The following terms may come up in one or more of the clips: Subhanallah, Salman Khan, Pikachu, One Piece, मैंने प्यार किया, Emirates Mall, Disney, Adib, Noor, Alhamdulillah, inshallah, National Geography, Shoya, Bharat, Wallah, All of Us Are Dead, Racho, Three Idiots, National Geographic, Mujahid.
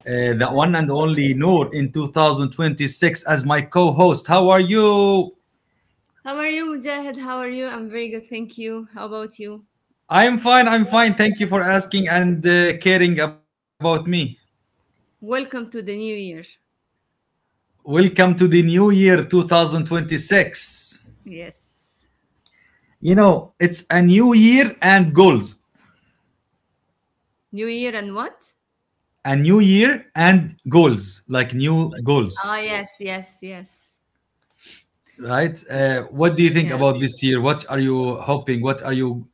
the one and only Noor in 2026 as my co host. How are you? How are you, Mujahid? How are you? I'm very good, thank you. How about you? I'm fine. I'm fine. Thank you for asking and caring about me. Welcome to the new year. Welcome to the new year 2026. Yes. You know, it's a new year and goals. New year and what? A new year and goals, like new Ah, goals. yes, yes, yes. Right, what do you Yeah. think Good deal. about this year? What are you hoping?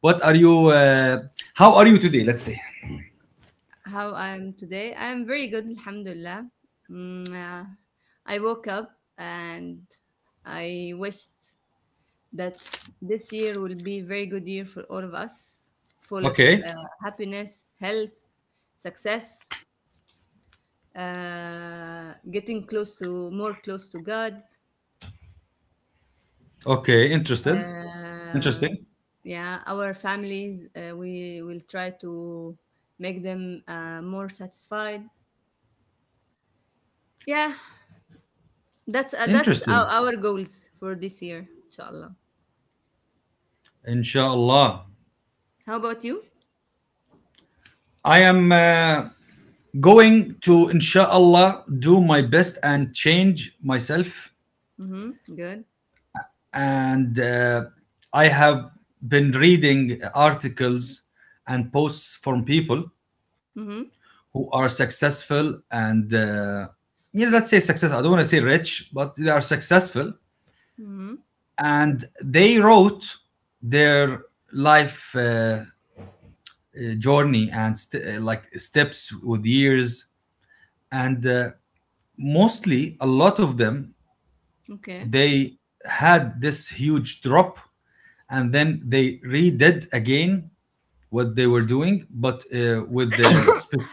What are you How are you today, let's say? How I'm today? I'm very good, Alhamdulillah. Mm, uh, I woke up and I wished that this year will be a very good year for all of us, full of Okay uh, happiness, health, success, getting close to more close to God. okay. Interested. Uh, Interesting. yeah, our families, we will try to make them more satisfied. Yeah, that's Interesting. our goals for this year, inshallah. Inshallah. How about you? I am going to, inshallah, do my best and change myself. Mm-hmm. Good. And I have been reading articles and posts from people Mm-hmm. who are successful, and you know, let's say success, I don't want to say rich, but they are successful. Mm-hmm. And they wrote their life journey and like steps with years. And mostly a lot of them, Okay. they had this huge drop, and then they redid again what they were doing, but with the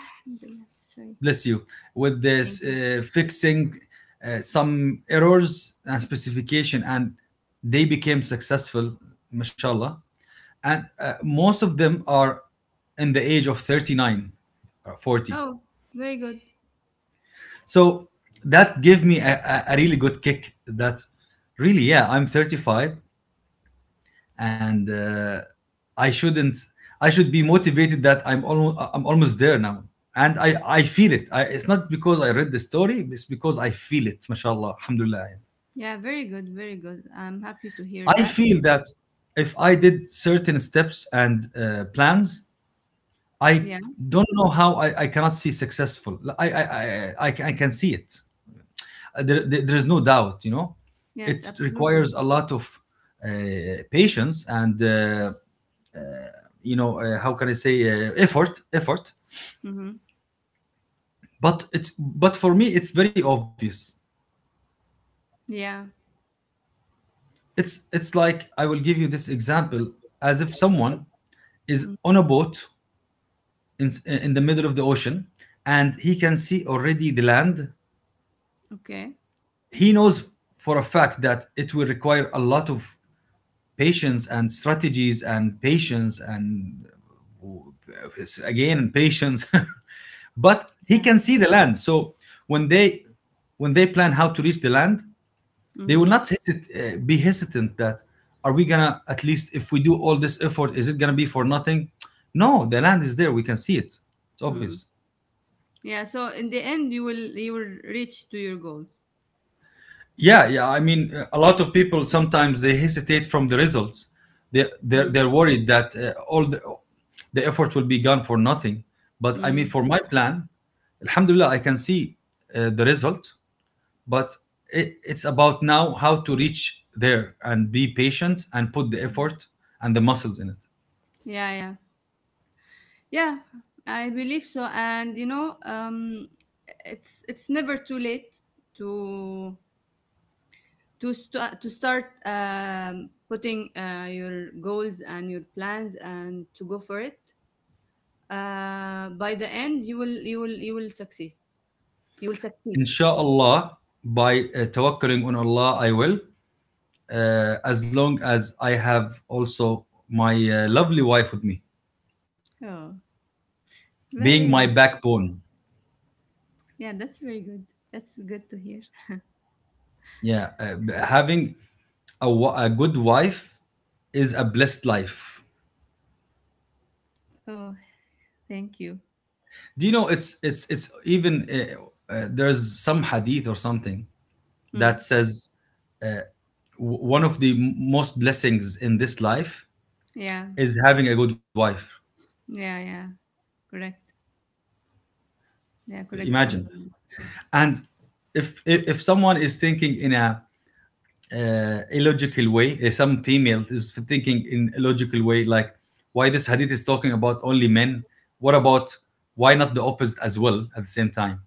Alhamdulillah. Sorry. bless you with Thank this you. Fixing some errors and specification, and they became successful, mashallah. And most of them are in the age of 39 or 40. Oh, very good. So that gave me a really good kick that really, yeah, I'm 35, and I shouldn't. I should be motivated that I'm almost there now, and I feel it. It's not because I read the story. It's because I feel it. Mashallah, alhamdulillah. Yeah, very good, very good. I'm happy to hear I that. feel that if I did certain steps and plans, I Yeah. don't know how. I cannot see successful. I can see it. There is no doubt, you know. Yes, It absolutely. requires a lot of patience and you know, how can I say, effort, Mm-hmm. but it's, but for me it's very obvious. Yeah. It's like, I will give you this example. As if someone is Mm. on a boat in the middle of the ocean, and he can see already the land. Okay. He knows for a fact that it will require a lot of patience and strategies and patience and uh, again patience but he Yeah. can see the land. So when they, when they plan how to reach the land, they will Mm-hmm. not be hesitant that, are we gonna, at least if we do all this effort, is it gonna be for nothing? No, the land is there, we can see it, it's Mm. obvious. Yeah, so in the end you will reach to your goals. Yeah, yeah, I mean, a lot of people sometimes they hesitate from the results. Mm. They're worried that all the effort will be gone for nothing. But I mean, Mm. for my plan, alhamdulillah, I can see the result, but it, it's about now how to reach there and be patient and put the effort and the muscles in it. Yeah, yeah. Yeah, I believe so, and you know, it's never too late to start, putting your goals and your plans and to go for it. By the end, you will succeed. You will succeed. Inshallah, by tawakkaling on Allah, I will, as long as I have also my lovely wife with me, Oh, being very my good. backbone. Yeah, that's very good. That's good to hear. Yeah, having a good wife is a blessed life. Oh, thank you. Do you know, it's it's even there's some hadith or something that Hmm. says one of the most blessings in this life Yeah. is having a good wife. Yeah, yeah. Correct. Yeah, correct. Imagine. Alhamdulillah. And if someone is thinking in a illogical way, some female is thinking in illogical way, like, why this hadith is talking about only men? What about, why not the opposite as well at the same time?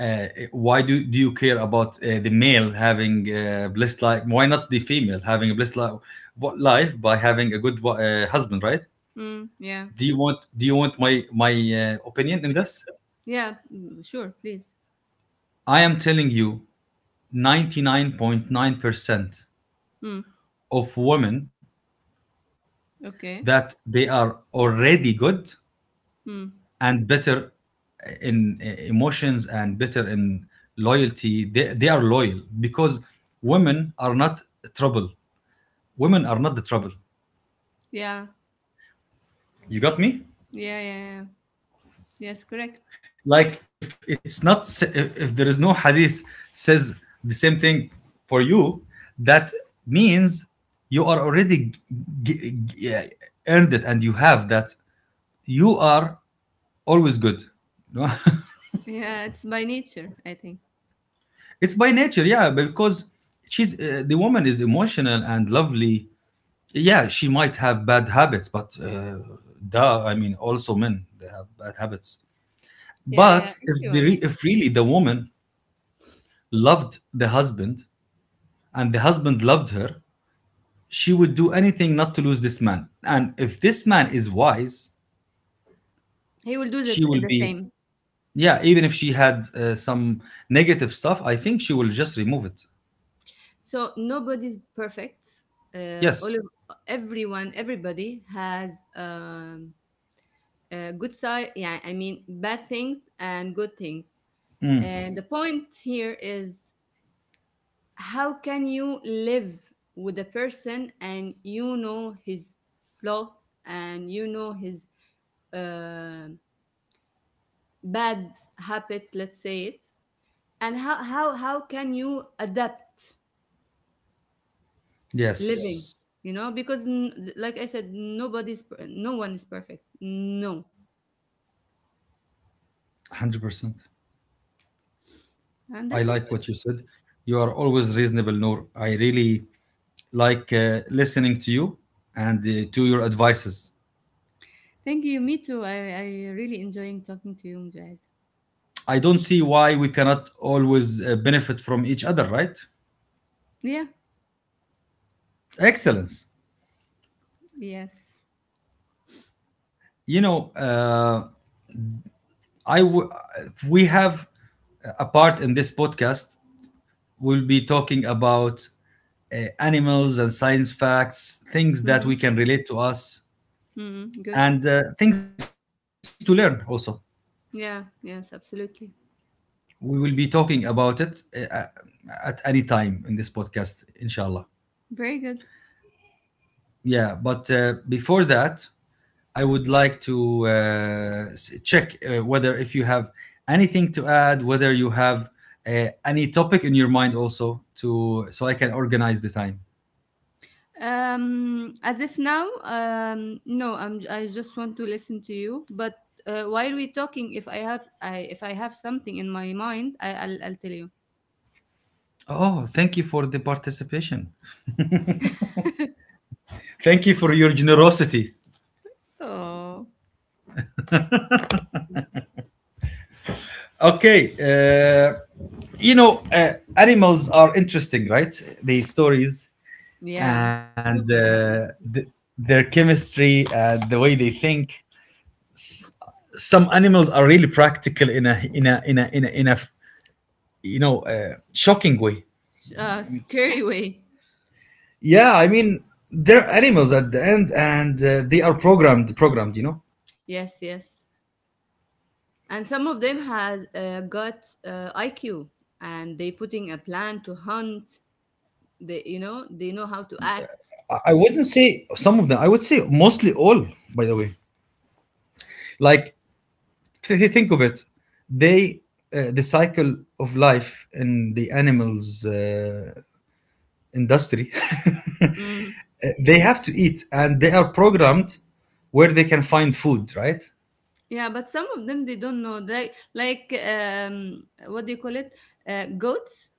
uh, why do you care about the male having a blessed life? Why not the female having a blessed life, life by having a good husband? Right? Mm, yeah. Do you want my opinion in Opinion with this? this? Yeah, mm, sure, please. I am telling you, 99.9% Mm, of women, okay. that they are already good Mm, and better in emotions, and better in loyalty. They are loyal, because women are not trouble. Women are not the trouble. yeah. You got me? Yeah, yeah, yeah. Yes, correct. Like, if it's not if there is no hadith says the same thing for you, that means you are already g- g- eh, earned it, and you have that. You are always good. Yeah, it's by nature, I think. It's by nature, yeah, because she's, the woman is emotional and lovely. Yeah, she might have bad habits, but I mean, also men they have bad habits. Yeah, yeah, But if the everyone. If really the woman loved the husband and the husband loved her, she would do anything not to lose this man. And if this man is wise, He will do she will the be, same. yeah. Even if she had some negative stuff, I think she will just remove it. So nobody's perfect. All Yes, of everyone, everybody has, a good side. Yeah, I mean bad things and good things. And the point here is, how can you live with a person and you know his flaw, and you know his uh, bad habits, let's say it, and how how can you adapt, yeah, living, yes, you know? Because like I said, no one is perfect, no. 100%. I And that's like it. what I you know. said. You are always reasonable, Noor. I really like listening to you and to your advices. Thank you, me too. I really enjoying talking to you, Mujahid. I don't see why we cannot always benefit from each other, right? Yeah, Excellence. yes. You know, I w- we have a part in this podcast. We'll be talking about animals and science facts, things that Mm-hmm. we can relate to us, Mm-hmm. Good. and things to learn also. Yeah, yes, absolutely. We will be talking about it at any time in this podcast, inshallah. Very good. Yeah, but before that, I would like to check whether if you have anything to add, whether you have any topic in your mind also to, so I can organize the time. As if now, no, I just want to listen to you. But while we're talking, if I have, if I have something in my mind, I'll tell you. Oh, thank you for the participation. Thank you for your generosity. Oh, Okay, you know, animals are interesting, right? The stories. yeah, And super interesting. their chemistry and the way they think. Some animals are really practical in a in a in a in a, in a you know, shocking way. Scary way. Yeah, I mean, they're animals at the end, and they are programmed. You know, Yes, yes. And some of them has got IQ, and they putting a plan to hunt. They, you know, they know how to act. I wouldn't say some of them. I would say mostly all. By the way, like, think of it, they, the cycle of life in the animals industry, they have to eat and they are programmed where they can find food, right? Yeah, but some of them they don't know. They like, what do you call it? Goats.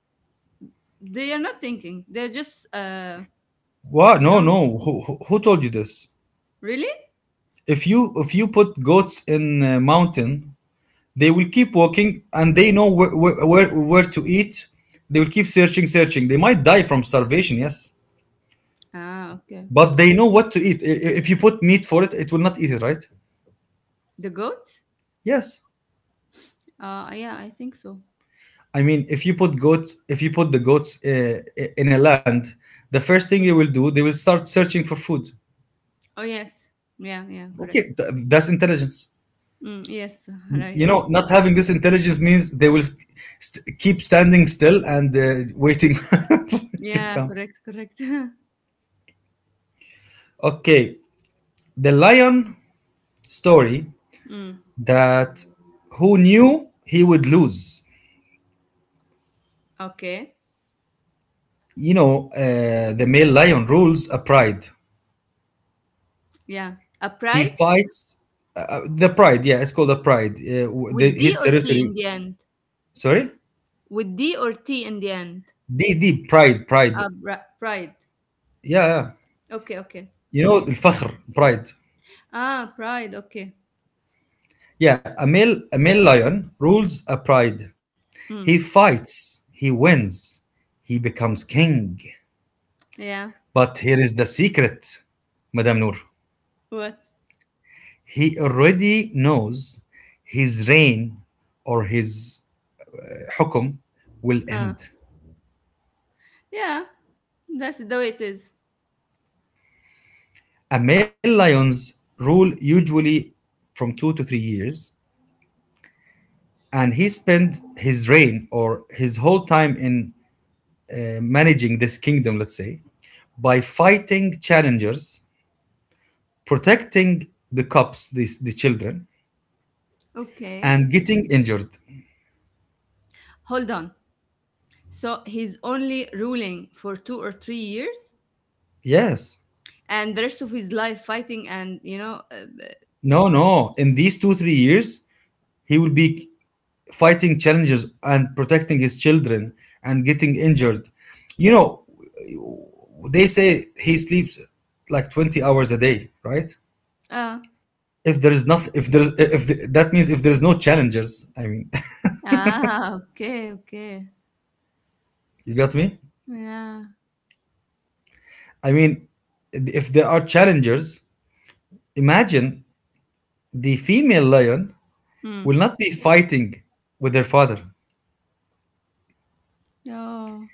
They are not thinking. They're just Wow, you no, know. no, who told you this? Really? If you, if you put goats in a mountain, they will keep walking and they know where, where to eat. They will keep searching, they might die from starvation, yes. Ah, okay. But they know what to eat. If you put meat for it, it will not eat it, right? The goat? Yes. Yeah, I think so. I mean, if you put goats, if you put the goats in a land, the first thing they Mm. will do, they will start searching for food. Oh yes. Yeah, yeah, correct. Okay, that's intelligence. Mm, yes, You right. know, not having this intelligence means they will keep standing still and waiting for it to Yeah, come. correct, correct. Okay, the lion story, Mm. that, who knew he would lose. Okay. You know, the male lion rules a pride. Yeah. He Upright fights, the pride. Yeah, it's called a pride. The, with D his or T in territory. the end. Sorry, With D or T in the end. D, pride, pride. Pride. Yeah, yeah. Okay, okay, You know, okay. the Okay. fakhr, pride. Ah, pride. Okay. Yeah, a male lion rules a pride. Hmm. He fights, he wins, he becomes king. Yeah. But here is the secret, Madame Noor. What? He already knows his reign, or his, hukum, will Ah. end. Yeah. That's the way it is. A male lion's rule, usually from 2 to 3 years, and he spent his reign or his whole time in managing this kingdom, let's say, by fighting challengers, protecting the cops, these the children, Okay. and getting injured. Hold on. So he's only ruling for 2 or 3 years, Yes. and the rest of his life fighting, and you know. No, no, in these 2, 3 years, he will be fighting challenges and protecting his children and getting injured. You know, they say he sleeps like 20 hours a day, right? uh, If there is nothing, if there's, if the, that means if there's no challengers, I mean, ah. Okay. Okay. you got me? Yeah. I mean, if there are challengers, imagine, the female lion Hmm. will not be fighting with their father, Oh.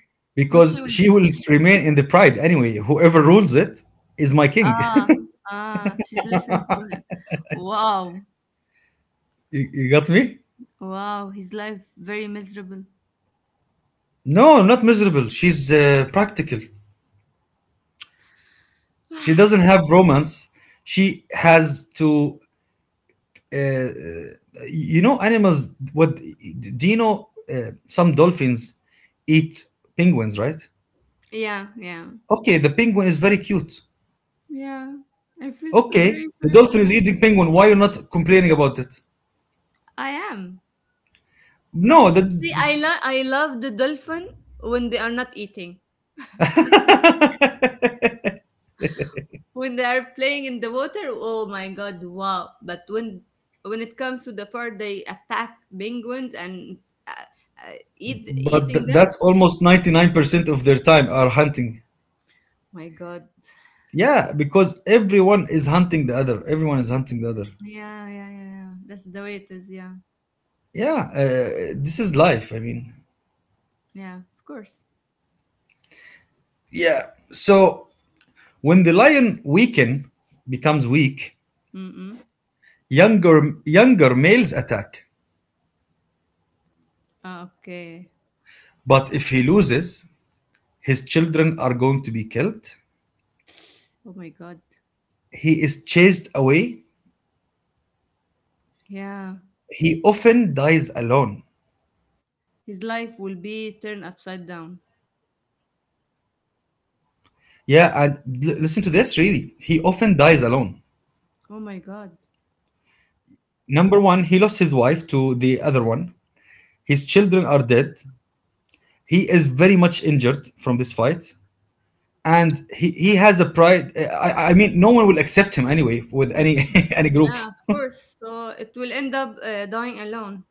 What she because will she will do? remain in the pride anyway. Whoever rules it is my king. Ah. Ah. She's listening to him. Wow. you got me? Wow. His life very miserable. No, not miserable. She's practical. She doesn't have romance. She has to, uh, you know, animals. What do you know? Some dolphins eat penguins, right? Yeah. Yeah. Okay, the penguin is very cute. Yeah, I feel so Okay, very the sorry for dolphin is them. eating penguin. Why you are not complaining about it? I am. No, the. See, I love the dolphin when they are not eating. When they are playing in the water, oh my god, wow! But when it comes to the part they attack penguins and uh, But eating them, that's almost 99% of their time are hunting. my god, Yeah, because everyone is hunting the other. Everyone is hunting the other. yeah, yeah, yeah, yeah. That's the way it is. Yeah, Yeah, this is life. I mean, yeah, of course. yeah. So when the lion weaken becomes weak, Mm-mm. younger males attack. Ah, okay. But if he loses, his children are going to be killed. Oh my god. He is chased away. Yeah, He often dies alone. his life will be turned upside down. Yeah, and listen to this, really. He often dies alone. Oh my god. Number one, he lost his wife to the other one. His children are dead. He is very much injured from this fight. And he has a pride. I mean, no one will accept him anyway with any any group. Yeah, of course. So it will end up dying alone.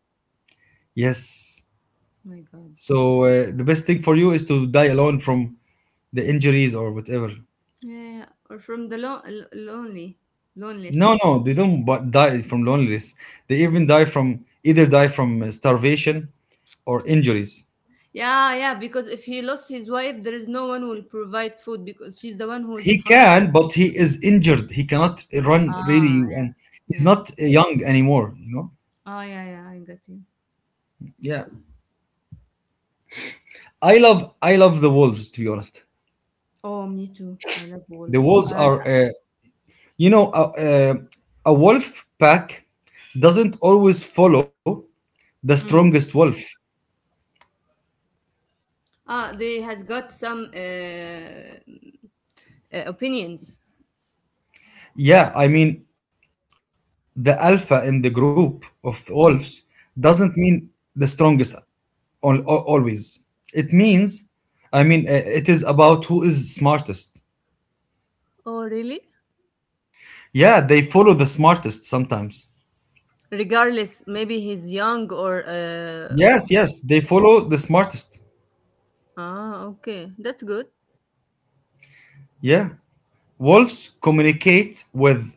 Yes. Oh my God. So the best thing for you is to die alone from the injuries or whatever. Yeah, yeah. Or from the lonely, No, loneless. no, they don't bu- die from loneliness. They even die from starvation or injuries. Yeah, yeah. Because if he lost his wife, there is no one who will provide food because she's the one who's He hunting. can, but he is injured. He cannot run really, Ah, and yeah, he's yeah. not young anymore. You know. Ah, yeah, yeah. I got you. Yeah, I love the wolves. To be honest, Oh, me too. I love the wolves. wolves are you know a, uh, a wolf pack doesn't always follow the strongest Mm. wolf. Ah, they has got some opinions. Yeah, I mean the alpha in the group of wolves Mm. doesn't mean the strongest always. It means, it is about who is smartest. Oh, really? Yeah, they follow the smartest sometimes. Regardless, maybe he's young or Yes, yes, they follow the smartest. Ah, okay. That's good. Yeah. Wolves communicate with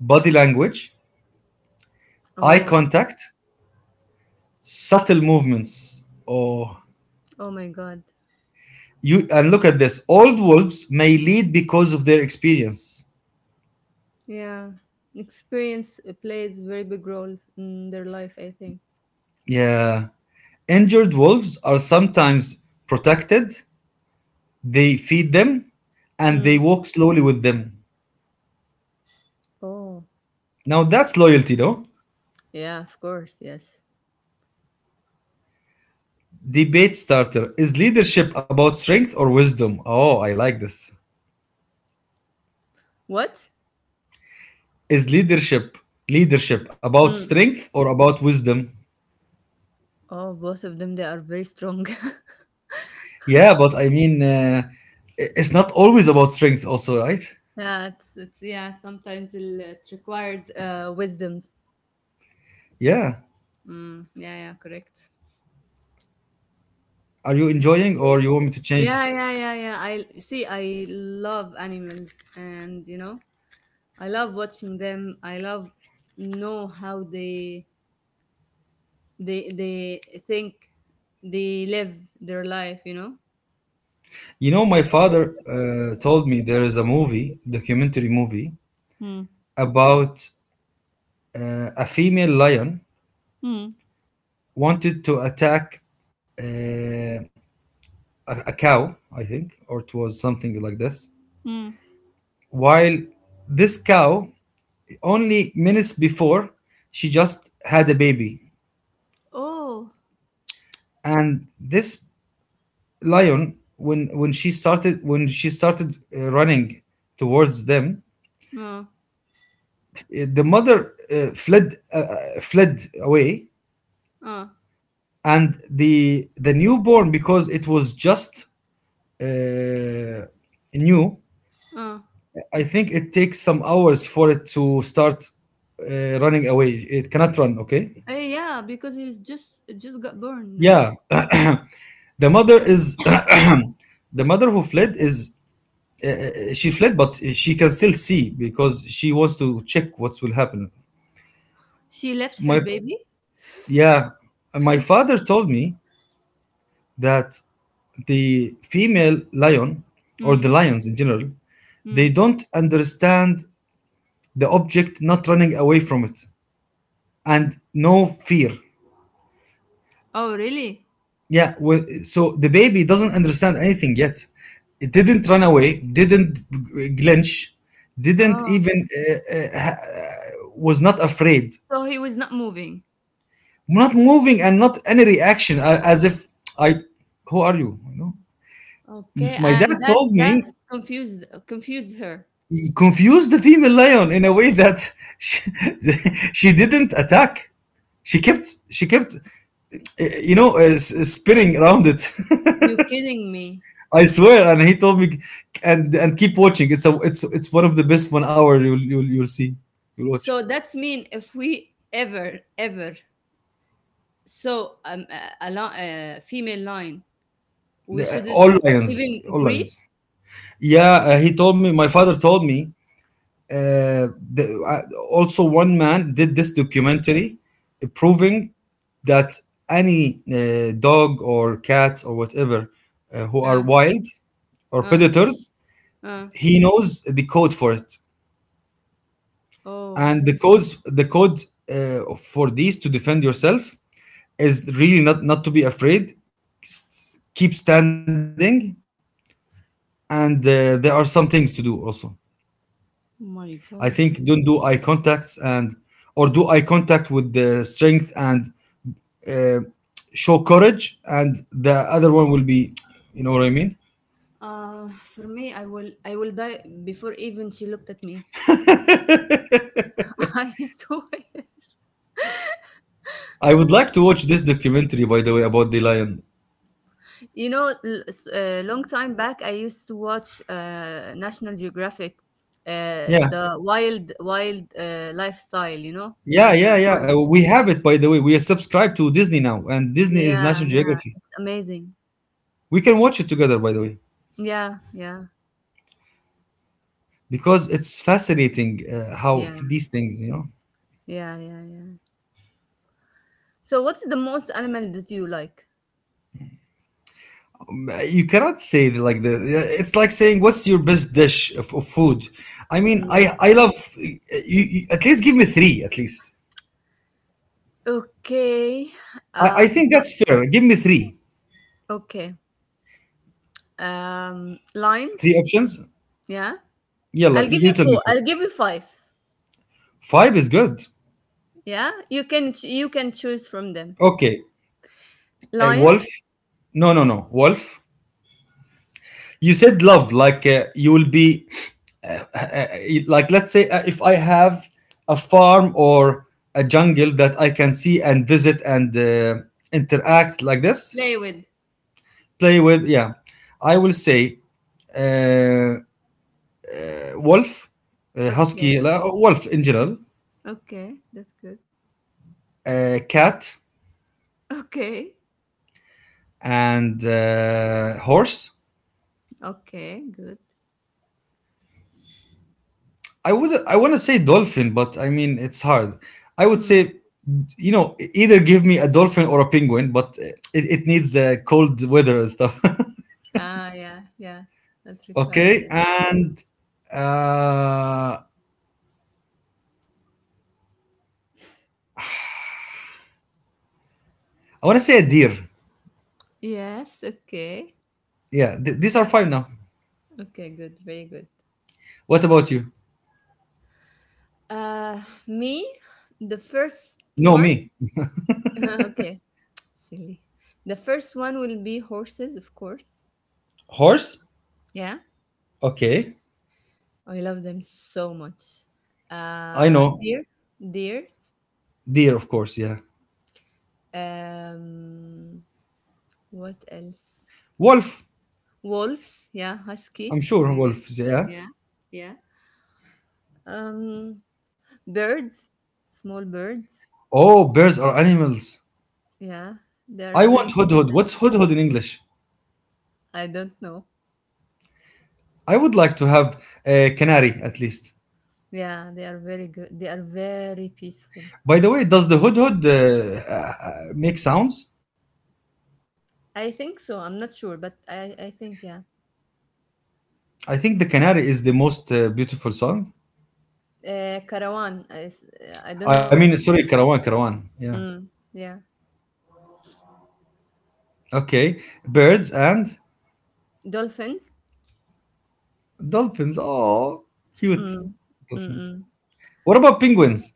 body language, eye Oh, contact, subtle movements. Oh, oh my God. you and look at this. Old wolves may lead because of their experience. Yeah. Experience plays very big roles in their life, I think. Yeah. Injured wolves are sometimes protected. They feed them and Hmm. they walk slowly with them. Oh, Now that's loyalty, no? yeah, of course. Yes. Debate starter. Is leadership about strength or wisdom? Oh, I like this. What? Is leadership about Mm. strength or about wisdom? Oh, both of them, they are very strong. Yeah, but it's not always about strength, also, right? Yeah, yeah, sometimes it requires wisdoms. Yeah. Mm. Yeah, yeah, correct. Are you enjoying or you want me to Yeah, change? yeah, yeah, yeah. I see. I love animals, and you know, I love watching them. I love know how they think, they live their life, you know. You know, my father told me there is a movie, documentary movie, Hmm. about a female lion Hmm. wanted to attack uh, a cow, I think, or it was something like this. Hmm. While this cow, only minutes before, she just had a baby, Oh. and this lion, when she started running towards them, uh, the mother fled away, uh, and the newborn because it was just uh, new. uh. I think it takes some hours for it to start running away. It cannot run. Okay. Eh, yeah, because he's just it just got born, yeah. Yeah, The mother is the mother who fled is she fled, but she can still see because she wants to check what will happen. She left her My baby. yeah, my father told me that the female lion or the Hmm. lions in general, they Hmm. don't understand the object not running away from it and no fear. Oh really. Yeah, well, so the baby doesn't understand anything yet. It didn't run away, didn't glinch, didn't Oh. even was not afraid, So he was not moving. not moving and not any reaction, as if I, who are you? You know, Okay, my dad and told me that's confused her. he confused the female lion in a way that she, she didn't attack. She kept, spinning around it. You kidding me? I swear. And he told me, and keep watching. It's one of the best 1 hour you'll see. You'll watch. So that's mean, if we ever saw, a female lion, we shouldn't All lions, even all breathe. lions. Yeah, he told me. My father told me uh, the, uh, also one man did this documentary proving that any dog or cats or whatever who are Uh, wild or uh, predators, uh. he knows the code for it, Oh and the code for these to defend yourself is really not to be afraid. Keep standing, and there are some things to do also. I my think god. don't do eye contacts and or do eye contact with the strength and uh, show courage, and the other one will be, you know what I mean. For me, I will die before even she looked at me. I swear. I would like to watch this documentary, by the way, about the lion. You know, a long time back, I used to watch National Geographic, Yeah, the wild, wild lifestyle. You know, in yeah, the yeah, yeah. Uh, forest. We have it, by the way. We are subscribed to Disney now, and Disney is Yeah, National yeah, Geography. it's amazing. We can watch it together, by the way, Yeah, yeah, because it's fascinating uh, how yeah, th- these things, you know. yeah, yeah, yeah. So, what's the most animal that you like? You cannot say it like this. Yeah, it's like saying, "What's your best dish of food?" I mean, Mm. I love. You, at least give me three. At least Okay. I Uh, think the- that's fair. Give me three, okay. Lines. three options. Yeah. Yalla, I'll give you you tell me four. I'll first. give you five. Five is good. Yeah. You can choose from them. Okay, Lion. wolf. No, wolf. You said love, like uh, like let's say if I have a farm or a jungle that I can see and visit and interact like this. Play with. Play with, yeah. I will say uh, wolf, husky, Okay. Wolf in general, Okay. That's good. Cat, Okay. and horse. Okay. Good. I want to say dolphin, but I mean it's hard. I would Hmm. say, you know, either give me a dolphin or a penguin, but it needs cold weather and stuff. Ah. Yeah. Yeah. That requires Okay, them. and uh, I want to say a deer. Yes. Okay. Yeah, these are five now. Okay. Good. Very good. What about you? Uh, Me. The first No, one. me. Okay. Silly. The first one will be horses, of course. Horse, Yeah, okay. I love them so much. I know. Uh, deer, Deers. Deer, of course, yeah. Um, what else? Wolf. Wolves. Yeah, husky. I'm sure Very- wolf, yeah. Yeah, yeah. Um, Birds, small birds. Oh, bears are animals. Yeah, they are I very want cute. hudhud. What's hudhud in English? I don't know. I would like to have a canary at least. Yeah, they are very good. They are very peaceful. By the way, does the hudhud make sounds? I think so. I'm not sure, but I think yeah. I think the canary is the most beautiful song. Caravan. I don't I know. mean, sorry, caravan, caravan. Yeah. Mm, yeah. Okay. Birds and Dolphins. dolphins. Oh, cute. Mm, Dolphins. mm-mm. What about penguins?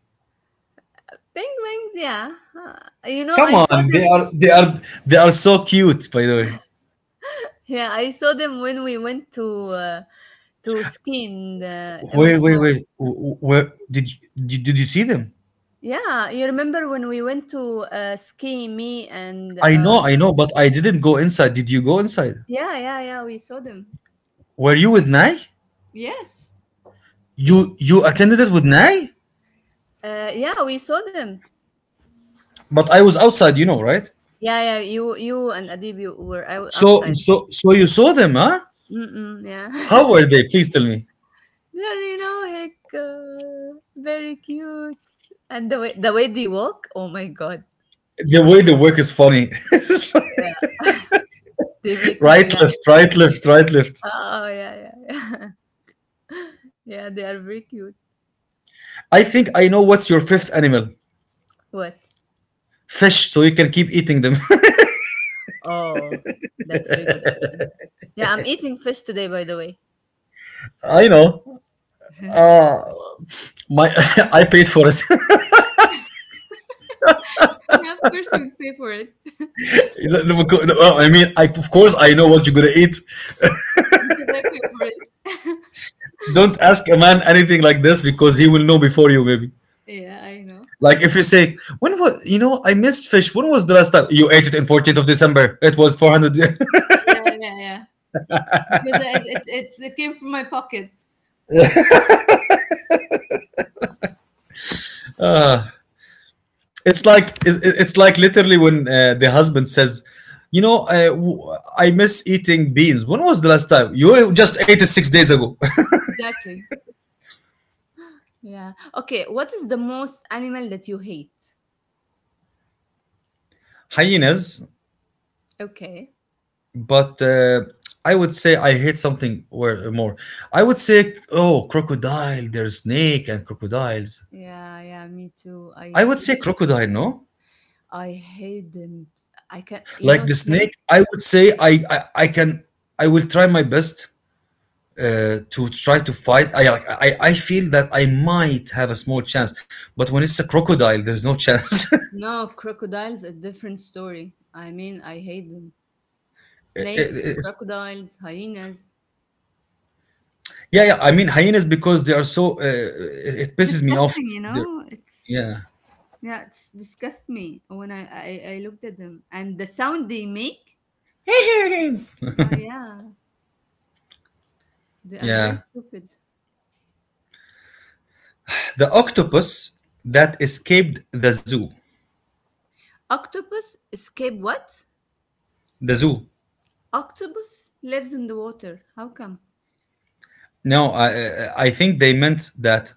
Penguins. Yeah. Uh, You know, Come I saw on, them. They are so cute. By the way. Yeah, I saw them when we went to uh, ski in the Wait, Emirates wait, Mall. wait. Wh- wh- where did you, did you see them? Yeah, you remember when we went to ski, me and I know, but I didn't go inside. Did you go inside? yeah, yeah, yeah, we saw them. Were you with Nai? Yes. You attended it with Nai? Yeah, we saw them. But I was outside, you know, right? Yeah, yeah, you and Adib, you were So outside. so so you saw them, huh? Mm-mm, yeah. How were they? Please tell me. They're, you know, like very cute. And the way they walk, oh my god, The way they work is funny. yeah, they make me Right, laugh. left, right, left, right, left. Oh yeah, yeah, yeah, yeah. They are very cute. I think I know what's your fifth animal. What? Fish, so you can keep eating them. Oh, that's a very good option. Yeah, I'm eating fish today, by the way. I know. Uh, my I paid for it. Yeah, of course you would pay for it. Look, look, look, I mean, I, of course, I know what you're gonna eat. Because I pay for it. Don't ask a man anything like this because he will know before you, maybe. Yeah, I know. Like I if know. you say, when was you know I missed fish. When was the last time you ate it? In 14th of December, it was 400. Yeah, yeah, yeah. Because it's, it came from my pocket. It's like Yeah, it's like literally when the husband says, you know, I miss eating beans. When was the last time you just ate it 6 days ago? exactly. Yeah. Okay. What is the most animal that you hate? Hyenas, Okay. but I would say I hate something where more. I would say, oh, crocodile, there's snake and crocodiles. Yeah, yeah, me too. I would say crocodile, no? I hate them. You Like know, the snake, snake? I would say I can, I will try my best to try to fight. I feel that I might have a small chance, but when it's a crocodile, there's no chance. No, crocodiles, a different story. I mean, I hate them. Snakes, it's— crocodiles, hyenas. yeah, yeah. I mean hyenas because they are so. It pisses me off. Disgusting, you They're, know? It's, yeah, it's disgust me when I looked at them. And the sound they make? yeah. Yeah, yeah. They are very Yeah. stupid. The octopus that escaped the zoo. Octopus escape what? The zoo. Octopus lives in the water. How come? No, I think they meant that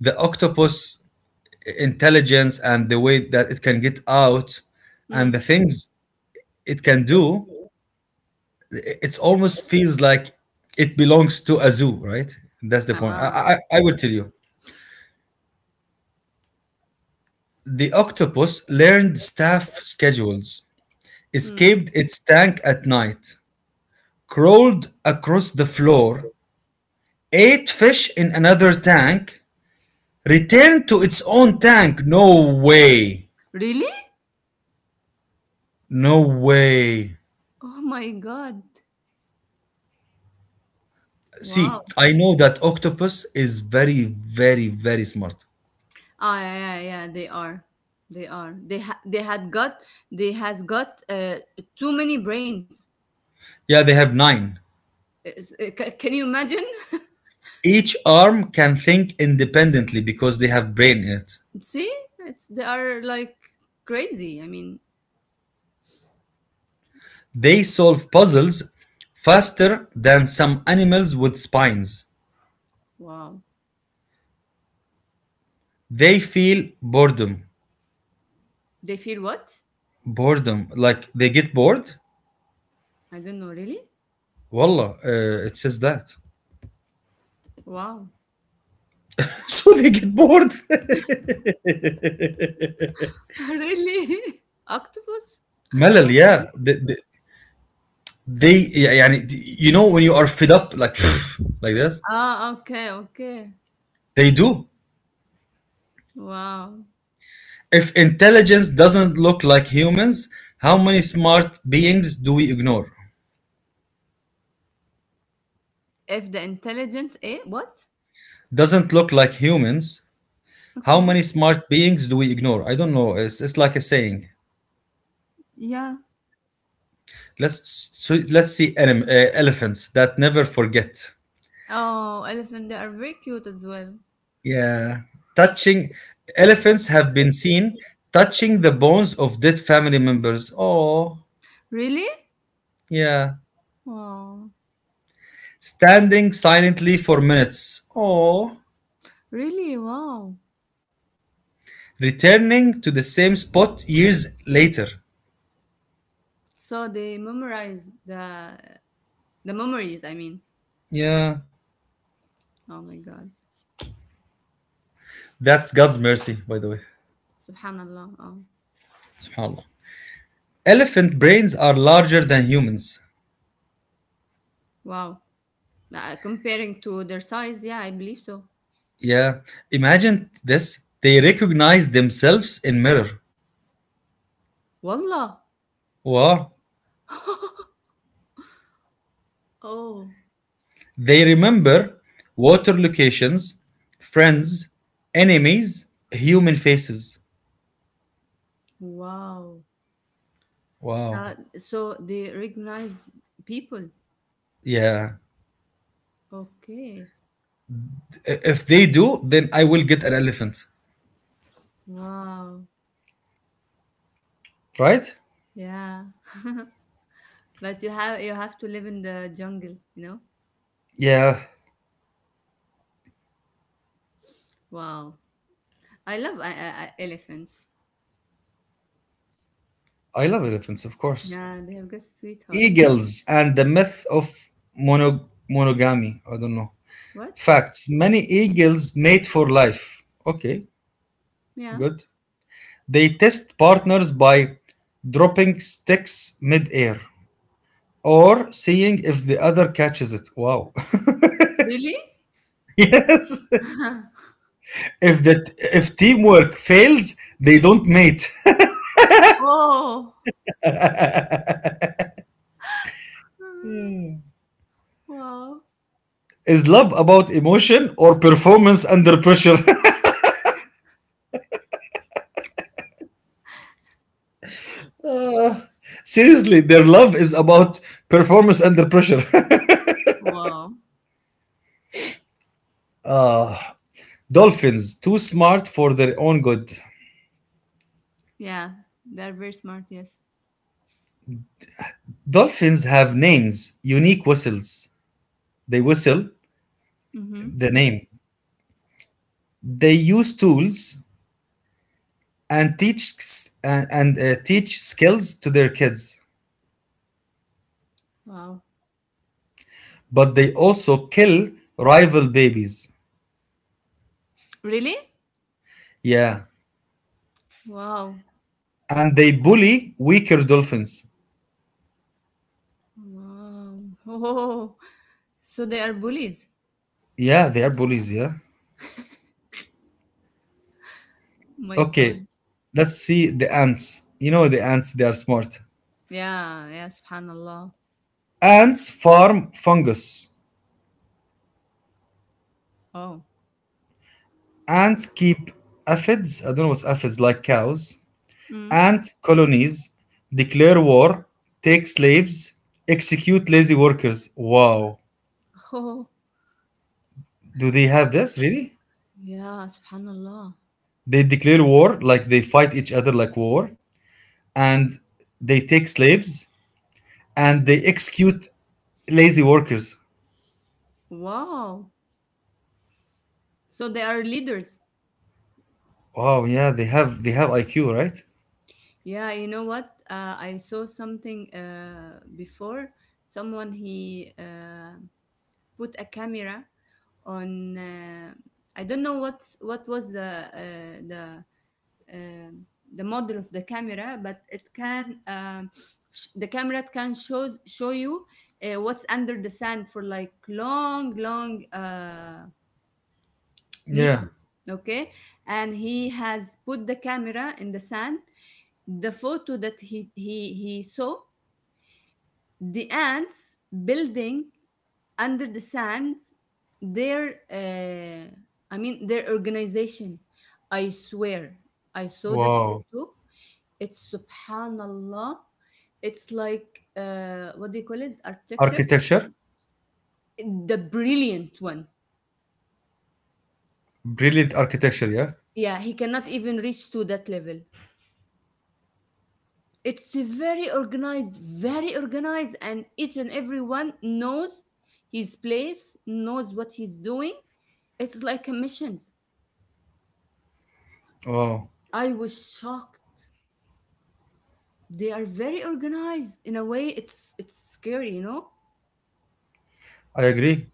the octopus intelligence and the way that it can get out and the Hmm. things it can do, it almost feels like it belongs to a zoo, right? That's the point. Ah, I will tell you. The octopus learned staff schedules, hmm. escaped its tank at night, crawled across the floor, ate fish in another tank, Return to its own tank? No way. Really? No way. Oh my God. Wow. See, I know that octopus is very, very, very smart. Ah, yeah, yeah, yeah, they are. They are. They ha- they had got they has got too many brains. Yeah, they have nine. Can you imagine? Each arm can think independently because they have brain in it. See? It's They are like crazy. I mean, They solve puzzles faster than some animals with spines. wow. They feel boredom. They feel what? Boredom. Like they get bored? I don't know, really? Wallah, it says that. Wow. So they get bored. Really? Octopus? Melal, Okay. yeah. They يعني you know when you are fed up, like like this Ah, okay, okay. they do. Wow. If intelligence doesn't look like humans, how many smart beings do we ignore? If the intelligence, eh, what? Doesn't look like humans, how Okay. many smart beings do we ignore? I don't know, it's like a saying. Yeah. Let's, so let's see elephants that never forget. Oh, elephant, they are very cute as well. Yeah, touching. Elephants have been seen touching the bones of dead family members. Oh, Really? yeah, Wow. standing silently for minutes or Really? Wow. returning to the same spot years later. So they memorize the memories, I mean. Yeah, Oh my god. that's God's mercy, by the way. Subhanallah. Oh. Subhanallah. Elephant brains are larger than humans. Wow. Comparing to their size, yeah, I believe so. Yeah, imagine this. They recognize themselves in mirror. Wallah. Wow. Oh. They remember water locations, friends, enemies, human faces. Wow. Wow. So they recognize people. Yeah. Okay. If they do, then I will get an elephant. Wow. Right? Yeah. But you have to live in the jungle, you know? Yeah, Wow. I love elephants. I love elephants, of course. Yeah, they have good sweetheart. Eagles and the myth of monogamy. I don't know. What? Facts. Many eagles mate for life. Okay, Yeah. good. They test partners by dropping sticks midair or seeing if the other catches it. Wow. Really? Yes. If teamwork fails, they don't mate. Oh. Uh, Wow. Is love about emotion or performance under pressure? Seriously, their love is about performance under pressure. Wow. Dolphins, too smart for their own good. Yeah, they're very smart. Yes. Dolphins have names, unique whistles. They whistle Mm-hmm. the name. They use tools and teach and teach skills to their kids, Wow. but they also kill rival babies. Really? Yeah, Wow. and they bully weaker dolphins. Wow. Oh. So they are bullies. Yeah, they are bullies. Yeah. Oh my Okay, God. let's see the ants. You know the ants; they are smart. Yeah. Yeah. Subhanallah. Ants farm fungus. Oh. Ants keep aphids. I don't know what's aphids, like cows. Mm. Ant colonies declare war, take slaves, execute lazy workers. Wow. Oh. Do they have this, really? Yeah. Subhanallah. They declare war, like they fight each other like war, and they take slaves and they execute lazy workers. Wow. So they are leaders. Wow, yeah, they have IQ, right? Yeah, you know what? I saw something before. Someone he put a camera on. I don't know what was the uh, the um the model of the camera, but it can the camera can show you what's under the sand for like long meter. Yeah. Okay, and he has put the camera in the sand, the photo that he saw the ants building under the sand, their I mean their organization. I swear I saw the Wow. photo. It's subhanallah. It's like, what do you call it, architecture, Architecture. the brilliant one. Brilliant architecture, yeah. Yeah, he cannot even reach to that level. It's very organized. Very organized, and each and everyone knows his place, knows what he's doing. It's like a mission. Wow. I was shocked. They are very organized in a way, it's scary, you know. I agree.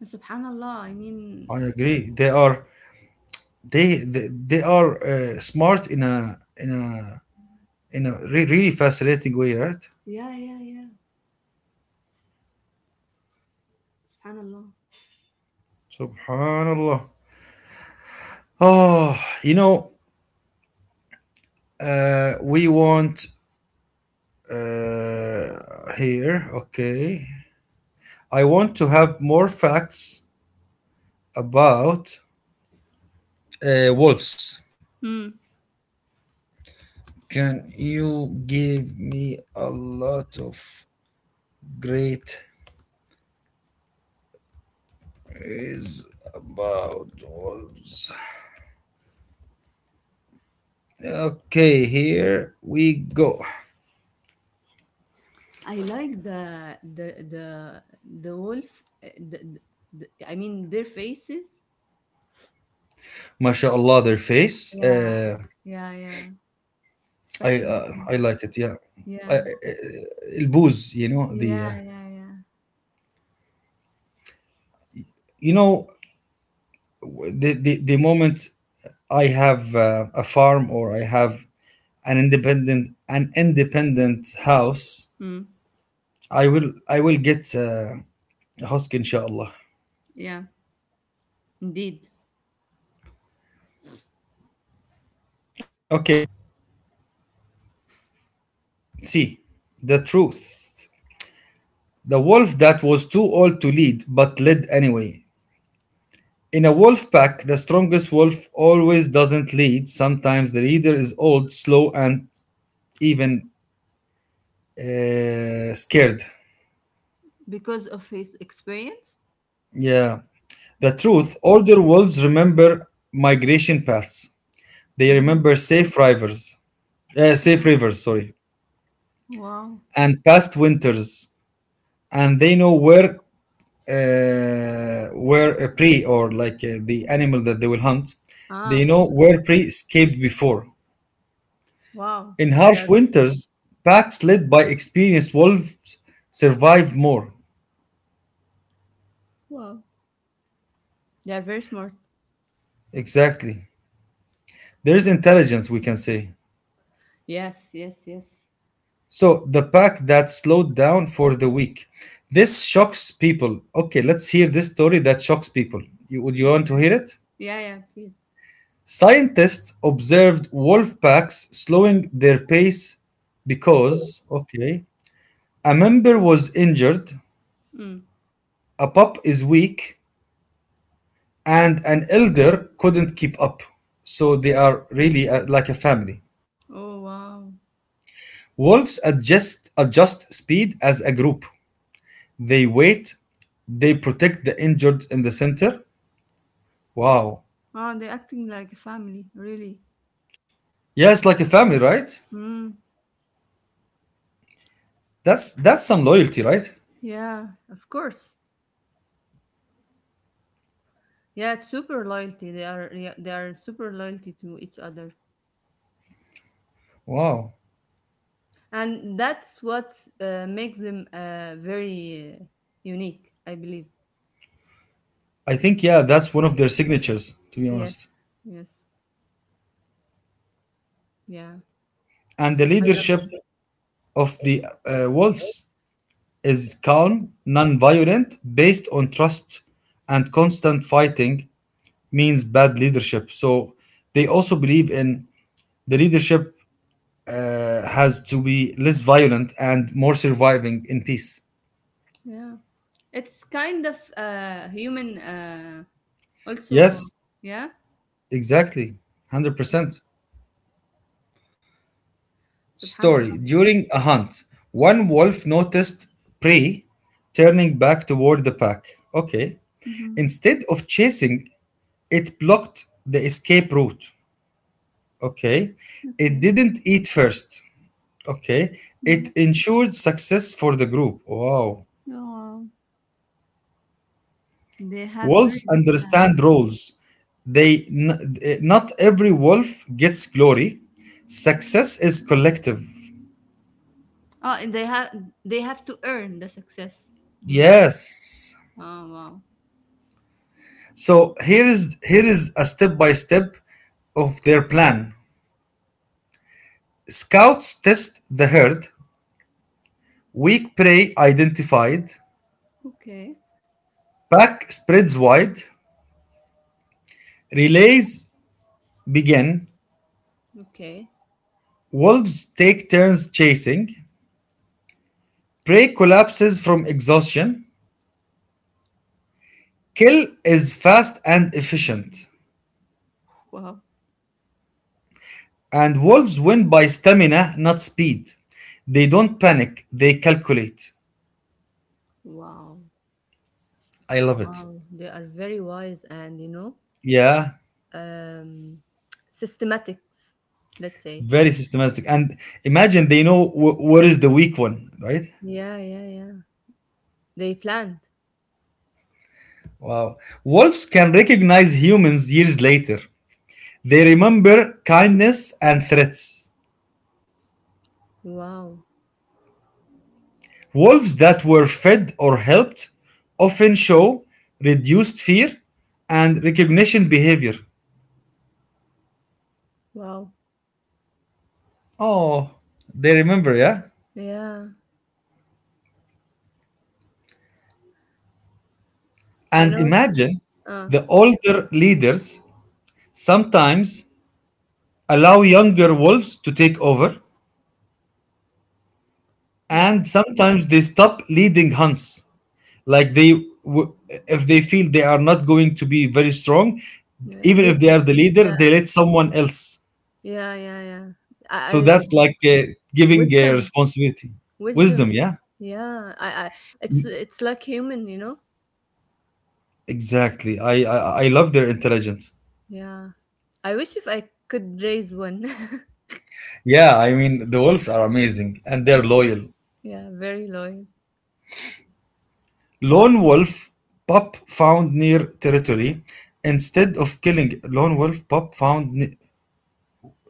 And subhanallah, I mean, I agree. They are smart in a really fascinating way, right? yeah, yeah, yeah. Subhanallah. Subhanallah. Oh, you know, we want here. Okay, I want to have more facts about wolves. Hmm. Can you give me a lot of great is about wolves? Okay, here we go. I like the the the wolf the, I mean their faces. MashaAllah, their face. Yeah, yeah, yeah, it's I uh, fascinating. I like it. Yeah, I, Yeah. Booze. Yeah, yeah, yeah. You know the moment I have a farm or I have an independent house, Mm, I will get a husk inshallah. yeah, indeed. Okay, see the truth. The wolf that was too old to lead but led anyway. In a wolf pack, the strongest wolf always doesn't lead. Sometimes the leader is old, slow, and even scared. Because of his experience? Yeah. The Okay. truth, older wolves remember migration paths, they Mm, remember safe rivers, sorry, wow. and past winters, and they know where. Where a prey, or like the animal that they will hunt, Ah, they know okay. where prey escaped before. Wow. In They're, harsh winters, packs led by experienced wolves survive more. wow. They're very smart. Exactly. There is intelligence, we can say. Yes, yes, yes. So, the pack that slowed down for the week. This shocks people. Okay, let's hear this story that shocks people. Would you want to hear it? Yeah, yeah, please. Scientists observed wolf packs slowing their pace because, okay, a member was injured, Mm. a pup is weak, and an elder couldn't keep up. So they are really like a family. Oh, wow. Wolves adjust speed as a group. They wait, they protect the injured in the center. Wow. Wow, they're acting like a family, really. Yeah, it's like a family, right? Mm, That's some loyalty, right? yeah, of course. Yeah, it's super loyalty. They are, yeah, they are super loyalty to each other. Wow. And that's what makes them very unique, I believe. I think, yeah, that's one of their signatures, to be honest. Yes, yes, yeah. And the I love them. leadership of the wolves is calm, non-violent, based on trust, and constant fighting means bad leadership. So they also believe in the leadership has to be less violent and more surviving in peace. Yeah, it's kind of human, also. Yes, Yeah. exactly. 100%. Story. Subhanallah. During a hunt, one wolf noticed prey turning back toward the pack. Okay. Hmm. Instead of chasing, it blocked the escape route. Okay. It Okay. didn't eat first. Okay. It Hmm. ensured success for the group. Wow. Oh, wow. They have very Wolves good plan. understand roles. Not every wolf gets glory. Success is collective. Oh, and they have to earn the success, you mean. Yes. Oh, wow. So here is a step by step of their plan. Scouts test the herd. Weak prey identified. Okay. Pack spreads wide. Relays begin. Okay. Wolves take turns chasing. Prey collapses from exhaustion. Kill is fast and efficient. Wow. And wolves win by stamina, not speed. They don't panic, they calculate. Wow. I love it. Wow, they are very wise, and you know, Yeah, um, systematics, let's say. very systematic. And imagine, they know what is the weak one, right? Yeah, yeah, yeah. They planned. Wow. Wolves can recognize humans years later. They remember kindness and threats. Wow, Wolves that were fed or helped often show reduced fear and recognition behavior. wow. Oh, they remember, yeah? Yeah, you And know. imagine, Uh, the older leaders sometimes allow younger wolves to take over, and wow. sometimes they stop leading hunts. Like, if they feel they are not going to be very strong, Yeah, even they, if they are the leader, yeah, they let someone else. yeah, yeah, yeah. I, So I that's like giving wisdom, responsibility, wisdom. wisdom. Yeah, Yeah, it's like human, you know. exactly. I love their intelligence. Yeah, I wish if I could raise one. Yeah, I mean, the wolves are amazing and they're yeah, loyal. yeah, very loyal. Lone Wolf Pup found near territory. Instead of killing Lone Wolf Pup found ne-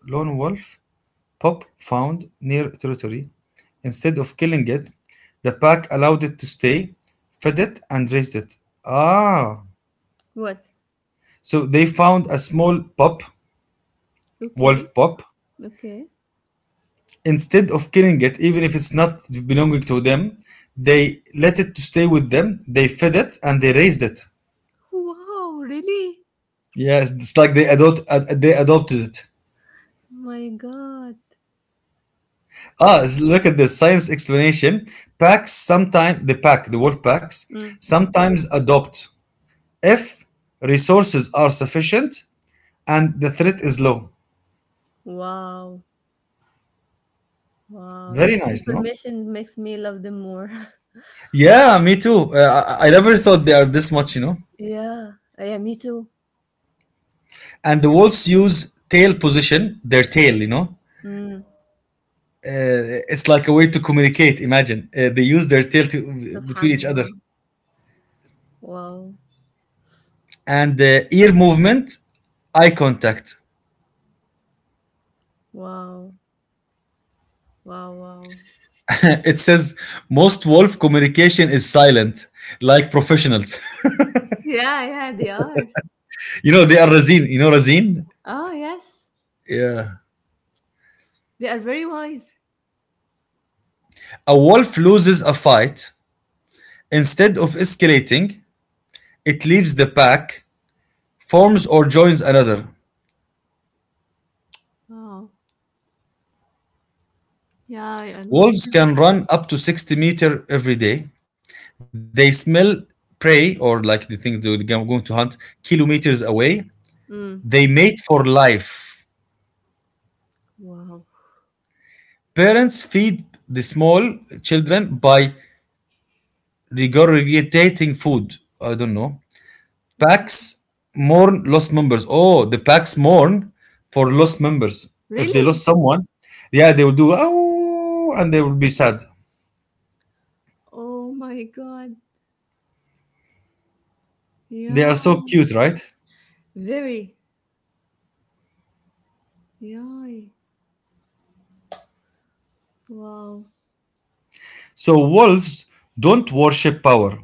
Lone Wolf Pup found near territory. Instead of killing it, the pack allowed it to stay, fed it, and raised it. Ah, What? so they found a small pup, Okay, wolf pup. okay. Instead of killing it, even if it's not belonging to them, they let it to stay with them. They fed it and they raised it. Wow, really? Yes, it's like they adopted it. My God. Ah, look at the science explanation. Packs sometimes the pack, the wolf packs Mm. sometimes adopt if resources are sufficient and the threat is low. Wow. Wow, Very this nice, no? information makes me love them more. Yeah, me too. I never thought they are this much, you know. yeah, yeah, me too. And the wolves use tail position, their tail. Mm. It's like a way to communicate. Imagine, they use their tail to, between each other, Subhanallah. Wow, and ear movement, eye contact. wow, wow, wow. it says most wolf communication is silent, like professionals. Yeah, yeah, they are. you know, they are Razin. You know Razin? Oh, yes, Yeah. they are very wise. A wolf loses a fight. Instead of escalating, it leaves the pack, forms or joins another. Wow. Yeah, I love Wolves them. can run up to 60 meter every day. They smell prey, or like the things they're going to hunt kilometers away. Mm. They mate for life. Wow. Parents feed the small children by regurgitating food. I don't know. Okay. Packs mourn lost members. Oh, the packs mourn for lost members. If they Really? lost someone, yeah, they will do, oh, and they will be sad. Oh my God. They Yeah. are so cute, right? Very. Yeah. Wow. So wolves don't worship power.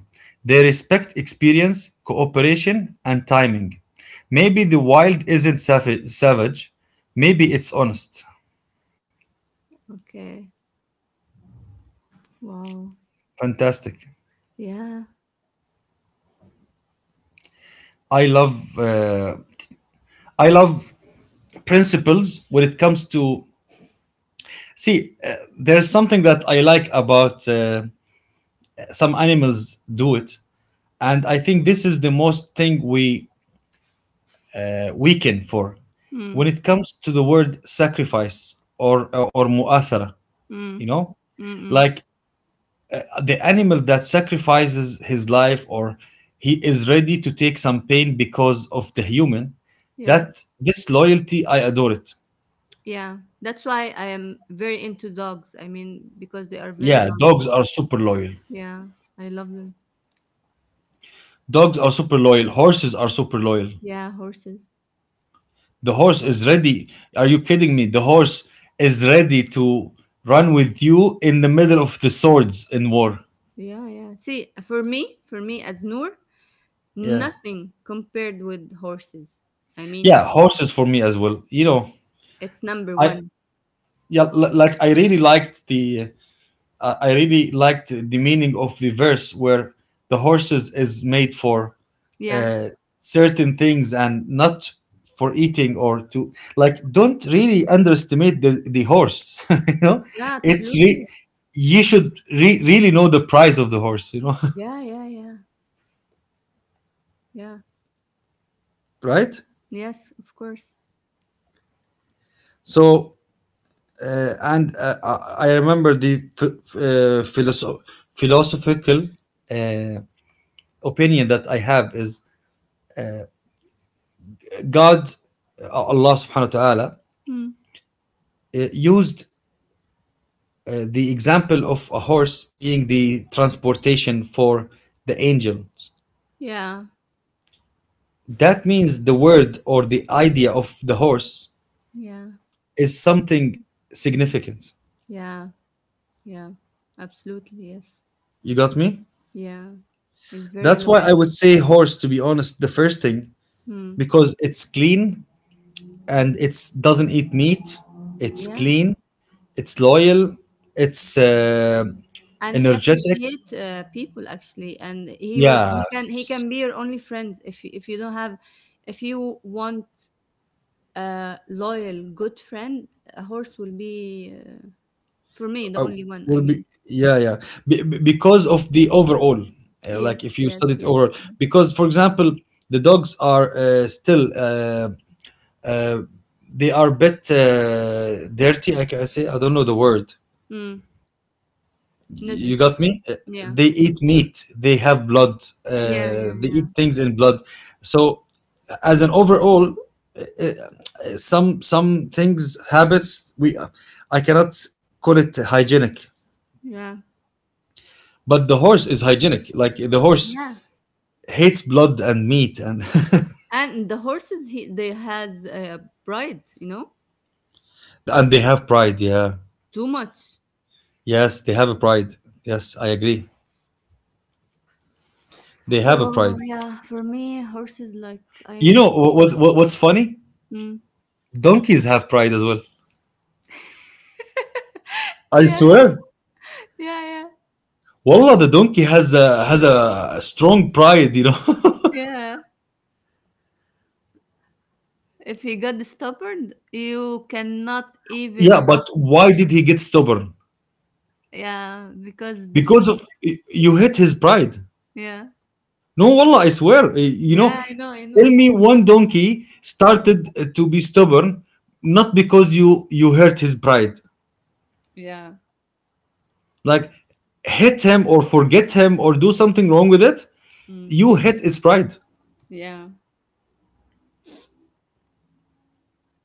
They respect experience, cooperation, and timing. Maybe the wild isn't savage. Maybe it's honest. Okay. Wow. Fantastic. Yeah. I love. I love principles when it comes to, see, there's something that I like about some animals do it, and I think this is the most thing we weaken for Mm. when it comes to the word sacrifice, or mu'athara, you Mm. know, Mm-mm. like the animal that sacrifices his life, or he is ready to take some pain because of the human, Yeah. that this loyalty I adore it. Yeah, that's why I am very into dogs. I mean, because they are very Yeah, loyal. dogs are super loyal. Yeah, I love them. Dogs are super loyal. Horses are super loyal. Yeah, horses. The horse is ready. Are you kidding me? The horse is ready to run with you in the middle of the swords in war. Yeah, yeah. See, for me as Noor, Yeah. nothing compared with horses. I mean, Yeah, horses for me as well. You know, it's number I, one. yeah, like I really liked the meaning of the verse where the horses is made for Yeah, uh, certain things and not for eating, or to like, don't really underestimate the, horse. you know, yeah, it's absolutely. You should really know the price of the horse, you know. Yeah, yeah, yeah, yeah. right. Yes, of course. So and I remember the ph- ph- uh, philosoph- philosophical uh, opinion that I have is, god, allah subhanahu wa ta'ala Hmm. Used the example of a horse being the transportation for the angels. Yeah, That means the word, or the idea of the horse, yeah, is something significant. yeah, yeah. Absolutely, yes. You got me? Yeah, it's very That's why loyal. I would say horse, to be honest, the first thing, Hmm. because it's clean and it's doesn't eat meat. It's Yeah. clean, it's loyal, it's And he energetic. appreciate people actually, and he will Yeah. he can he can be your only friend if you don't have, if you want a loyal good friend, a horse will be, for me, the Uh, only one, I will be, mean. yeah, yeah, because of the overall, like Yes, if you yes, study it yes, overall. yes. Because, for example, the dogs are still, uh, they are a bit dirty, I can say, I don't know the word. Mm, You najis. got me. Yeah, They eat meat, they have blood, yeah, yeah. they Yeah, eat things in blood. So, as an overall, some things, habits, we, I cannot call it hygienic, yeah, but the horse is hygienic, like the horse yeah. hates blood and meat. And And the horses, he, they has pride, you know. and they have pride, yeah. Too much. Yes, they have a pride. Yes, I agree. They have a So pride. yeah, for me horses, like You I, know what, what's funny, mm, donkeys have pride as well. I yeah, swear, yeah, yeah, wallah, the donkey has a strong pride, you know. yeah. If he got stubborn, you cannot even yeah, but talk. why did he get stubborn? Yeah, because this Because is, of you hit his pride. yeah, No, wallah, I swear, you know, yeah. I know, I tell know. me one donkey started to be stubborn not because you hurt his pride. Yeah, Like, hit him or forget him or do something wrong with it, mm, you hit its pride. yeah,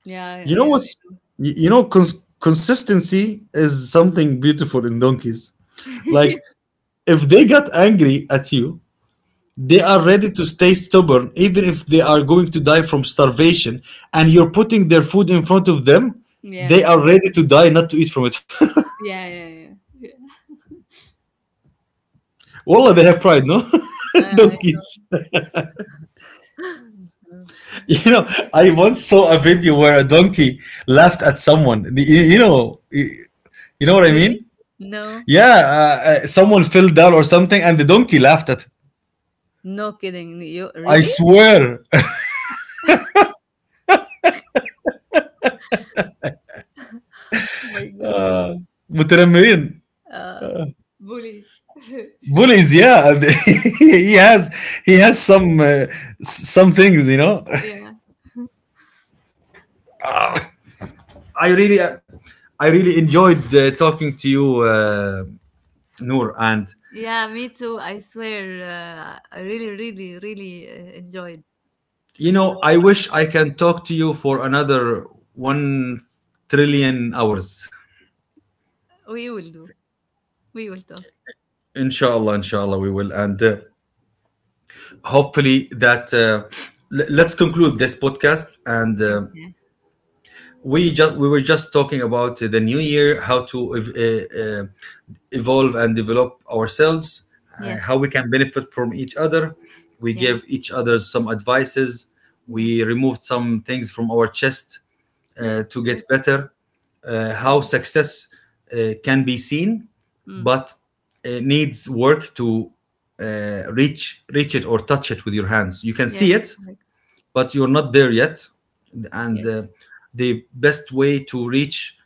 yeah, yeah, You know yeah, what's, you know, consistency is something beautiful in donkeys. Like, if they got angry at you, they yeah, are ready to stay stubborn even if they are going to die from starvation and you're putting their food in front of them, yeah, they are ready to die, not to eat from it. yeah, yeah. Yeah. Yeah. Wallah, they Yeah. have pride, no? I donkeys. You know, I once saw a video where a donkey laughed at someone. You, you know, you know what I really? mean? No, Yeah, someone fell down or something, and the donkey laughed at. no kidding. You I really? swear. Oh my God. Mutaramirin, Uh, bullies. bullies. Yeah, and he has he has some things, you know. yeah, I really I really enjoyed talking to you, Noor, and, yeah. Me too. I swear. I really, really, really enjoyed. you know, I wish I can talk to you for another 1 trillion hours. We will do. We will talk. Inshallah, inshallah, we will. And hopefully that, let's conclude this podcast. And Okay. we were just talking about the new year, how to evolve and develop ourselves, Yes. how we can benefit from each other. We Yeah. gave each other some advices. Yeah. We removed some things from our chest Yes. to get Correct. better, how Yeah. success can be seen, Mm. but it needs work to reach it or touch it with your hands. You can Yes. see it, Correct. but you're not there yet. And Yes. The best way to reach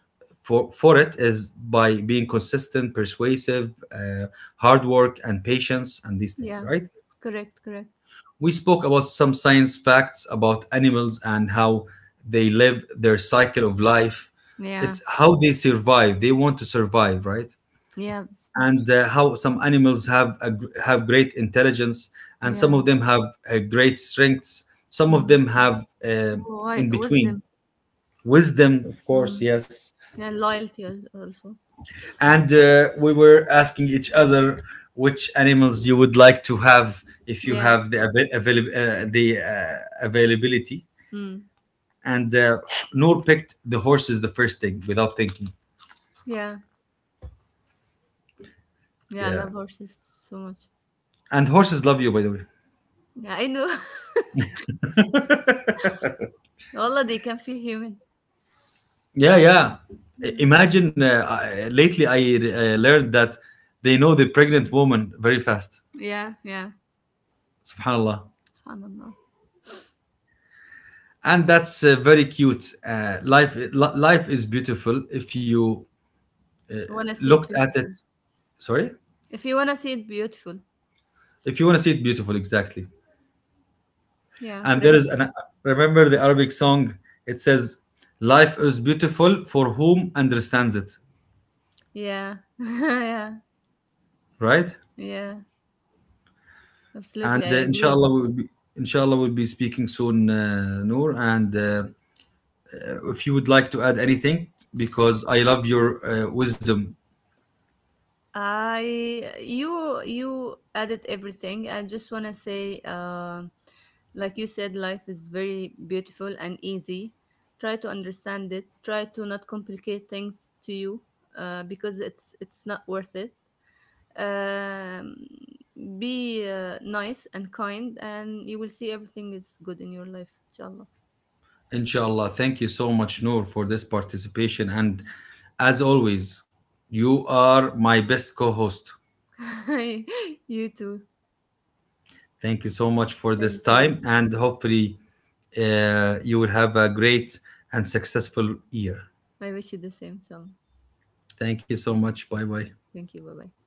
for it is by being consistent, persuasive, hard work, and patience, and these things. Yeah. Right? Correct. Correct. We spoke about some science facts about animals and how they live their cycle of life. Yeah. It's how they survive. They want to survive, right? Yeah. Oops. And how some animals have great intelligence, and some Yeah. of them have great strengths. Some of Mm. them have Why in between wisdom? wisdom, of course, Mm. yes. Yeah. Loyalty al- also. And we were asking each other which animals you would like to have if you Yeah. have the availability, Mm. and Noor picked the horses the first thing without thinking. Yeah. Yeah. I Yeah, love horses so much. and horses love you, by the way. Yeah. I know. Allah, they can feel human. Yeah, yeah. Yeah. Imagine, lately I learned that they know the pregnant woman very fast. Yeah. Yeah. Subhanallah, Subhanallah. and that's very cute. Life is beautiful if you You wanna see looked it at it. beautiful. Sorry, If you wanna see it beautiful. if you want to see it beautiful, exactly. Yeah. And Correct. there is an. Remember the Arabic song. It says, "Life is beautiful for whom understands it." Yeah. yeah. Right? Yeah. Absolutely, I And agree. inshallah, we'll be speaking soon, Noor. And if you would like to add anything, because I love your wisdom, I, you added everything. I just want to say, like you said, life is very beautiful and easy. Try to understand it. Try to not complicate things to you, because it's not worth it. Um, be nice and kind, and you will see everything is good in your life, inshallah. inshallah. Thank you so much, Noor, for this participation. And as always, you are my best co-host. you too. Thank you so much for this Thank time, you. and hopefully, you will have a great and successful year. I wish you the same, inshallah. Thank you so much. Bye bye. Thank you. Bye bye.